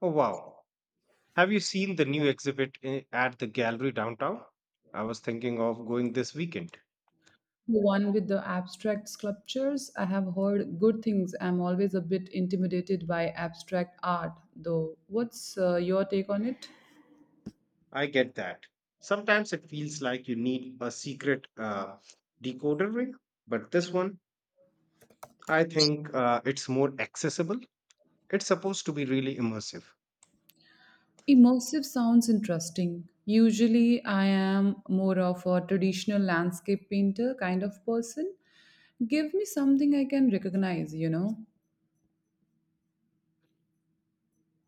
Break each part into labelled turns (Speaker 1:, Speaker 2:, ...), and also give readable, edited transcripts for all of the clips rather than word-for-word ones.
Speaker 1: Oh, wow. Have you seen the new exhibit at the gallery downtown? I was thinking of going this weekend.
Speaker 2: The one with the abstract sculptures, I have heard good things. I'm always a bit intimidated by abstract art, though. What's your take on it?
Speaker 1: I get that. Sometimes it feels like you need a secret decoder ring, but this one, I think it's more accessible. It's supposed to be really immersive.
Speaker 2: Immersive sounds interesting. Usually, I am more of a traditional landscape painter kind of person. Give me something I can recognize, you know?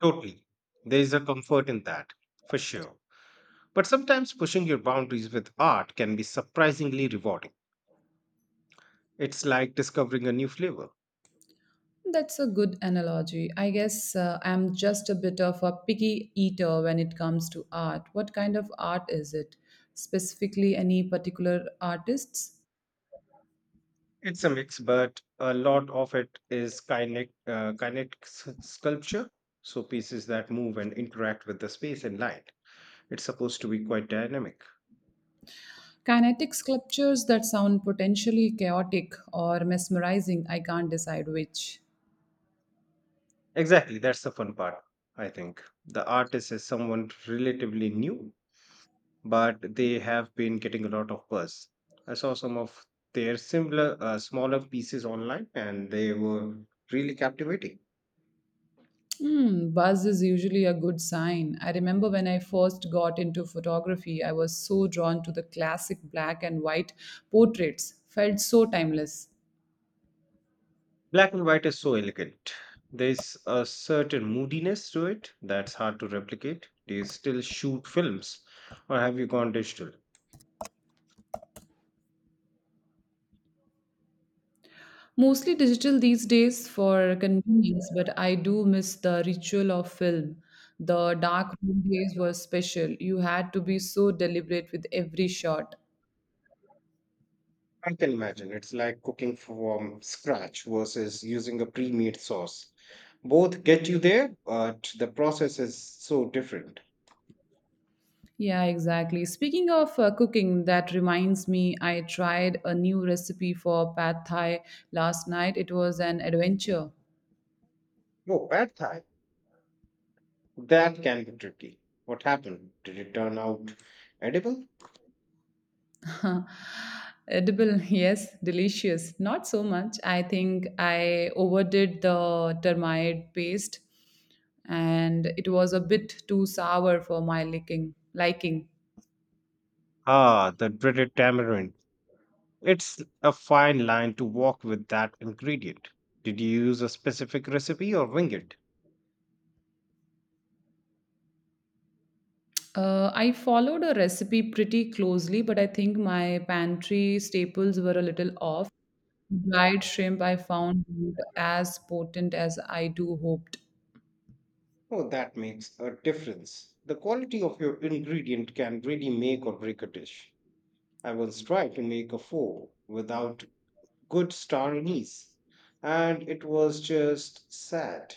Speaker 1: Totally. There is a comfort in that, for sure. But sometimes pushing your boundaries with art can be surprisingly rewarding. It's like discovering a new flavor.
Speaker 2: That's a good analogy. I guess I'm just a bit of a picky eater when it comes to art. What kind of art is it? Specifically, any particular artists?
Speaker 1: It's a mix, but a lot of it is kinetic, sculpture, so pieces that move and interact with the space and light. It's supposed to be quite dynamic.
Speaker 2: Kinetic sculptures that sound potentially chaotic or mesmerizing, I can't decide which.
Speaker 1: Exactly, that's the fun part, I think. The artist is someone relatively new, but they have been getting a lot of buzz. I saw some of their smaller pieces online, and they were really captivating.
Speaker 2: Mm, buzz is usually a good sign. I remember when I first got into photography, I was so drawn to the classic black and white portraits, felt so timeless.
Speaker 1: Black and white is so elegant. There's a certain moodiness to it that's hard to replicate. Do you still shoot films or have you gone digital?
Speaker 2: Mostly digital these days for convenience, but I do miss the ritual of film. The dark room days were special. You had to be so deliberate with every shot.
Speaker 1: I can imagine. It's like cooking from scratch versus using a pre made sauce. Both get you there, but the process is so different.
Speaker 2: Yeah, exactly. Speaking of cooking, that reminds me, I tried a new recipe for pad thai last night. It was an adventure.
Speaker 1: Oh, pad thai. That can be tricky. What happened? Did it turn out edible?
Speaker 2: Edible, yes, delicious. Not so much. I think I overdid the termite paste and it was a bit too sour for my liking.
Speaker 1: Ah, the dreaded tamarind. It's a fine line to walk with that ingredient. Did you use a specific recipe or wing it?
Speaker 2: I followed a recipe pretty closely, but I think my pantry staples were a little off. Dried shrimp I found not as potent as I do hoped.
Speaker 1: Oh, that makes a difference. The quality of your ingredient can really make or break a dish. I once tried to make a pho without good star anise, and it was just sad.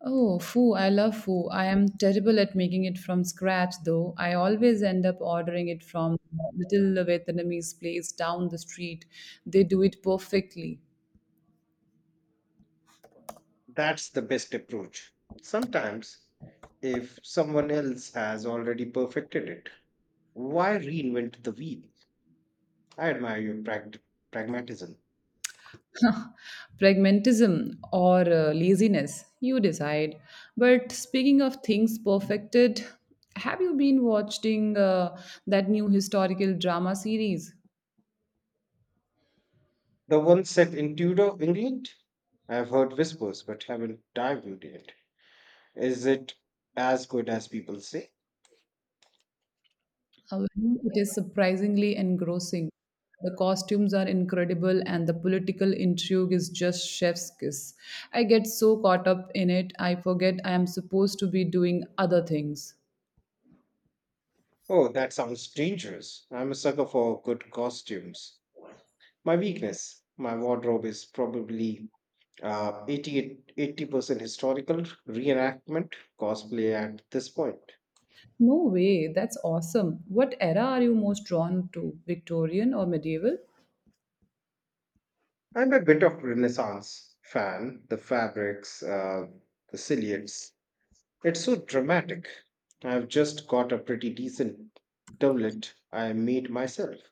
Speaker 2: Oh, foo, I love foo. I am terrible at making it from scratch though. I always end up ordering it from the little Vietnamese place down the street. They do it perfectly.
Speaker 1: That's the best approach. Sometimes, if someone else has already perfected it, why reinvent the wheel? I admire your pragmatism.
Speaker 2: Pragmatism or laziness, you decide. But speaking of things perfected, have you been watching that new historical drama series?
Speaker 1: The one set in Tudor England? I've heard whispers but haven't dived into it. Is it as good as people say?
Speaker 2: However, it is surprisingly engrossing. The costumes are incredible, and the political intrigue is just chef's kiss. I get so caught up in it, I forget I am supposed to be doing other things.
Speaker 1: Oh, that sounds dangerous. I'm a sucker for good costumes. My weakness, my wardrobe is probably 80% historical reenactment cosplay at this point.
Speaker 2: No way, that's awesome. What era are you most drawn to, Victorian or medieval?
Speaker 1: I'm a bit of Renaissance fan. The fabrics, the silhouettes. It's so dramatic. I've just got a pretty decent doublet I made myself.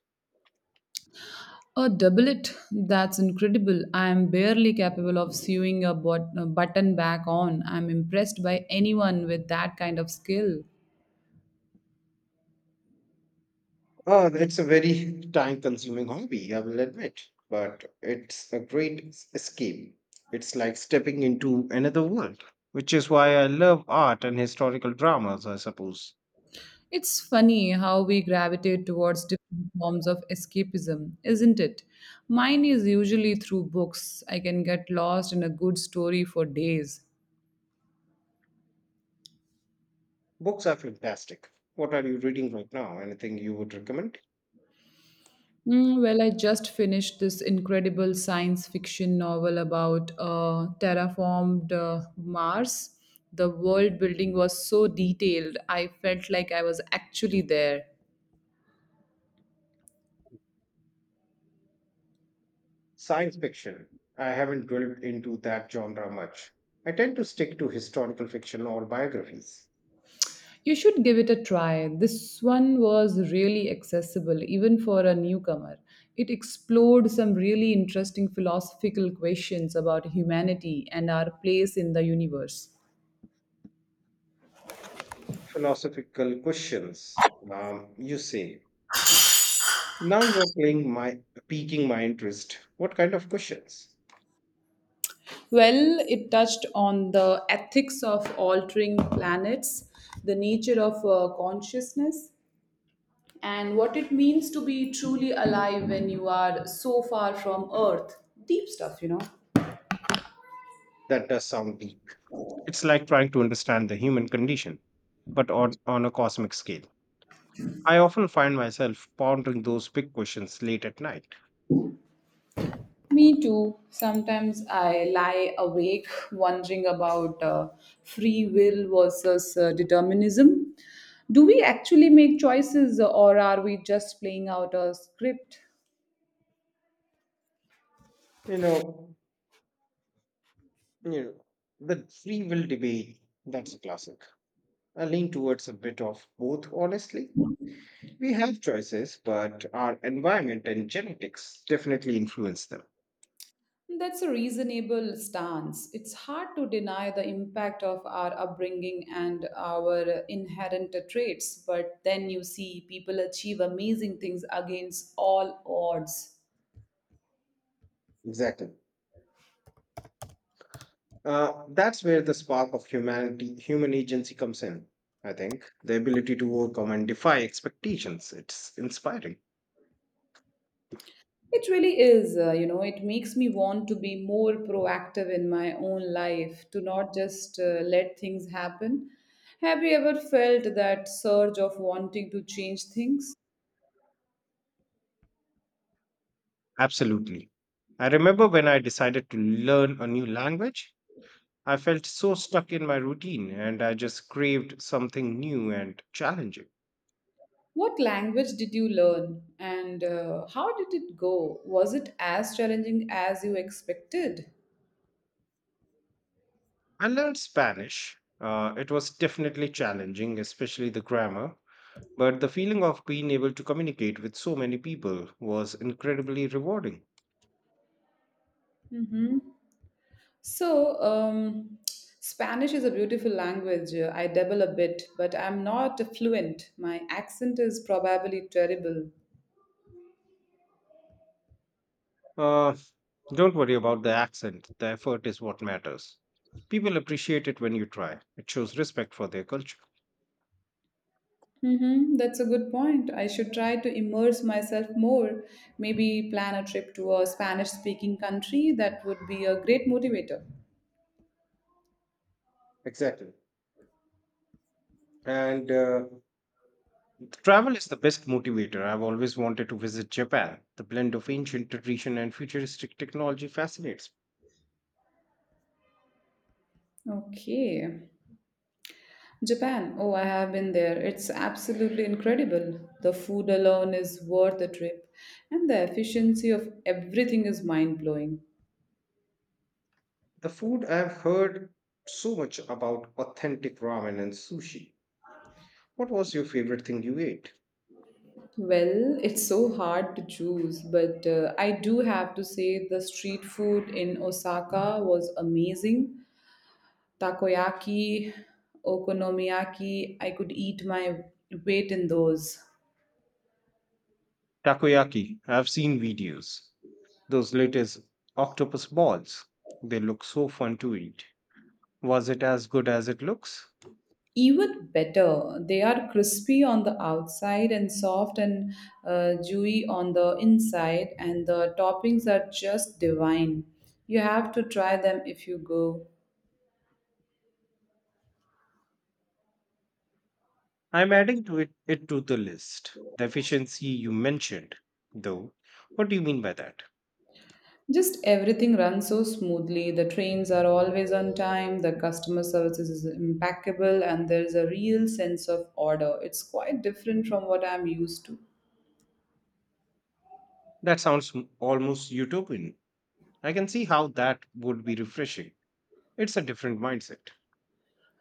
Speaker 2: A doublet. That's incredible. I am barely capable of sewing a button back on. I'm impressed by anyone with that kind of skill.
Speaker 1: Oh, it's a very time consuming hobby, I will admit, but it's a great escape. It's like stepping into another world, which is why I love art and historical dramas, I suppose.
Speaker 2: It's funny how we gravitate towards different forms of escapism, isn't it? Mine is usually through books. I can get lost in a good story for days.
Speaker 1: Books are fantastic. What are you reading right now? Anything you would recommend?
Speaker 2: Mm, well, I just finished this incredible science fiction novel about terraformed Mars. The world building was so detailed, I felt like I was actually there.
Speaker 1: Science fiction. I haven't delved into that genre much. I tend to stick to historical fiction or biographies.
Speaker 2: You should give it a try. This one was really accessible, even for a newcomer. It explored some really interesting philosophical questions about humanity and our place in the universe.
Speaker 1: Philosophical questions, you say. Now you are playing my piquing my interest. What kind of questions?
Speaker 2: Well, it touched on the ethics of altering planets, the nature of consciousness, and what it means to be truly alive when you are so far from Earth. Deep stuff, you know.
Speaker 1: That does sound deep. It's like trying to understand the human condition, but on a cosmic scale. I often find myself pondering those big questions late at night.
Speaker 2: Me too. Sometimes I lie awake wondering about free will versus determinism. Do we actually make choices or are we just playing out a script?
Speaker 1: You know, you know, the free will debate, that's a classic. I lean towards a bit of both, honestly. We have choices, but our environment and genetics definitely influence them.
Speaker 2: That's a reasonable stance. It's hard to deny the impact of our upbringing and our inherent traits, but then you see people achieve amazing things against all odds.
Speaker 1: Exactly. That's where the human agency comes in, I think. The ability to overcome and defy expectations. It's inspiring.
Speaker 2: It really is, it makes me want to be more proactive in my own life, to not just let things happen. Have you ever felt that surge of wanting to change things?
Speaker 1: Absolutely. I remember when I decided to learn a new language, I felt so stuck in my routine and I just craved something new and challenging.
Speaker 2: What language did you learn and how did it go? Was it as challenging as you expected?
Speaker 1: I learned Spanish. It was definitely challenging, especially the grammar, but the feeling of being able to communicate with so many people was incredibly rewarding.
Speaker 2: Mm-hmm. So, Spanish is a beautiful language. I dabble a bit, but I'm not fluent. My accent is probably terrible.
Speaker 1: Uh, don't worry about the accent, the effort is what matters. People appreciate it when you try, it shows respect for their culture.
Speaker 2: Mm-hmm. That's a good point. I should try to immerse myself more. Maybe plan a trip to a Spanish speaking country. That would be a great motivator.
Speaker 1: Exactly. And travel is the best motivator. I've always wanted to visit Japan. The blend of ancient tradition and futuristic technology fascinates.
Speaker 2: Okay. Japan. Oh, I have been there. It's absolutely incredible. The food alone is worth the trip, and the efficiency of everything is mind blowing.
Speaker 1: The food, I've heard so much about authentic ramen and sushi. What was your favorite thing you ate?
Speaker 2: Well, it's so hard to choose, but I do have to say the street food in Osaka was amazing. Takoyaki, okonomiyaki. I could eat my weight in those.
Speaker 1: Takoyaki, I've seen videos. Those latest octopus balls, they look so fun to eat. Was it as good as it looks?
Speaker 2: Even better, they are crispy on the outside and soft and dewy on the inside, and the toppings are just divine. You have to try them if you go.
Speaker 1: I'm adding it to the list. The efficiency you mentioned, though, what do you mean by that?
Speaker 2: Just everything runs so smoothly. The trains are always on time, the customer service is impeccable, and there's a real sense of order. It's quite different from what I'm used to.
Speaker 1: That sounds almost utopian. I can see how that would be refreshing. It's a different mindset.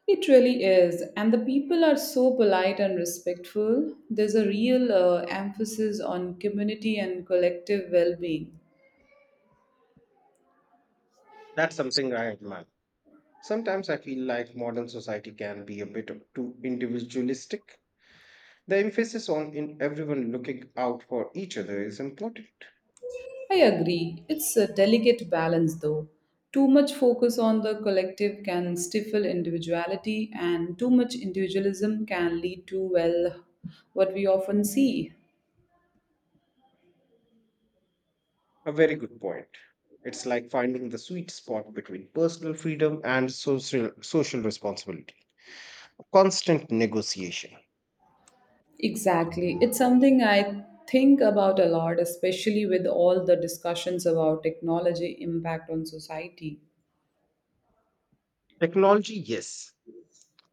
Speaker 2: It really is. And the people are so polite and respectful. There's a real emphasis on community and collective well being.
Speaker 1: That's something I admire. Sometimes I feel like modern society can be a bit too individualistic. The emphasis on in everyone looking out for each other is important.
Speaker 2: I agree. It's a delicate balance, though. Too much focus on the collective can stifle individuality, and too much individualism can lead to, well, what we often see.
Speaker 1: A very good point. It's like finding the sweet spot between personal freedom and social responsibility. A constant negotiation.
Speaker 2: Exactly. It's something I think about a lot, especially with all the discussions about technology impact on society.
Speaker 1: Technology, yes,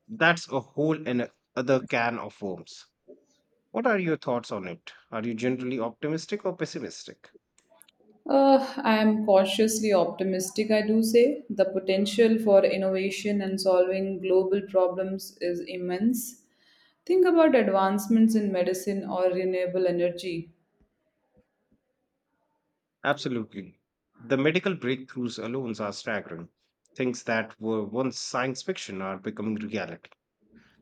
Speaker 1: that's a whole and other can of worms. What are your thoughts on it? Are you generally optimistic or pessimistic?
Speaker 2: I am cautiously optimistic, I do say. The potential for innovation and solving global problems is immense. Think about advancements in medicine or renewable energy.
Speaker 1: Absolutely. The medical breakthroughs alone are staggering. Things that were once science fiction are becoming reality.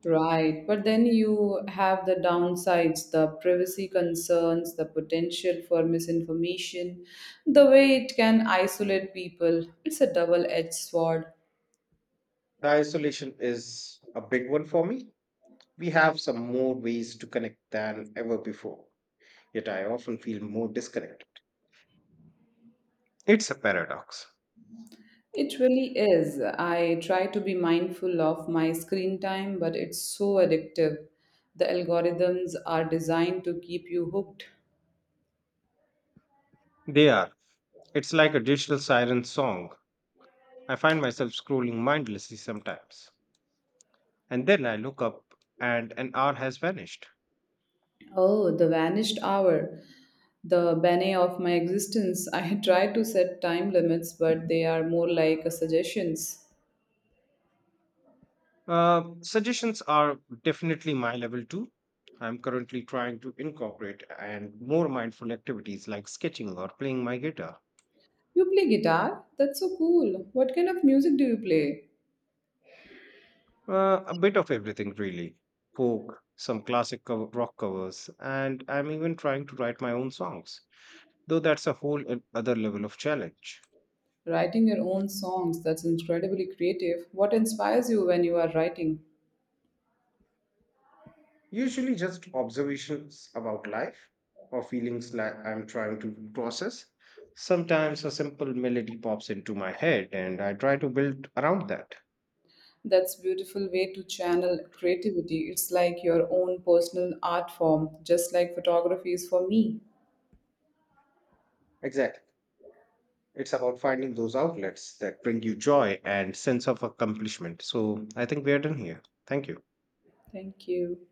Speaker 2: Right, but then you have the downsides, the privacy concerns, the potential for misinformation, the way it can isolate people. It's a double edged sword.
Speaker 1: The isolation is a big one for me. We have some more ways to connect than ever before, yet I often feel more disconnected. It's a paradox.
Speaker 2: It really is. I try to be mindful of my screen time, but it's so addictive. The algorithms are designed to keep you hooked.
Speaker 1: They are. It's like a digital siren song. I find myself scrolling mindlessly sometimes, and then I look up and an hour has vanished.
Speaker 2: Oh, the vanished hour, the bane of my existence. I try to set time limits, but they are more like suggestions.
Speaker 1: Suggestions are definitely my level too. I'm currently trying to incorporate and more mindful activities like sketching or playing my guitar.
Speaker 2: You play guitar? That's so cool. What kind of music do you play?
Speaker 1: A bit of everything, really. Folk, some rock covers, and I'm even trying to write my own songs, though that's a whole other level of challenge.
Speaker 2: Writing your own songs, that's incredibly creative. What inspires you when you are writing?
Speaker 1: Usually just observations about life or feelings like I'm trying to process. Sometimes a simple melody pops into my head and I try to build around that.
Speaker 2: That's beautiful way to channel creativity. It's like your own personal art form, just like photography is for me.
Speaker 1: Exactly. It's about finding those outlets that bring you joy and sense of accomplishment. So I think we are done here. Thank you.
Speaker 2: Thank you.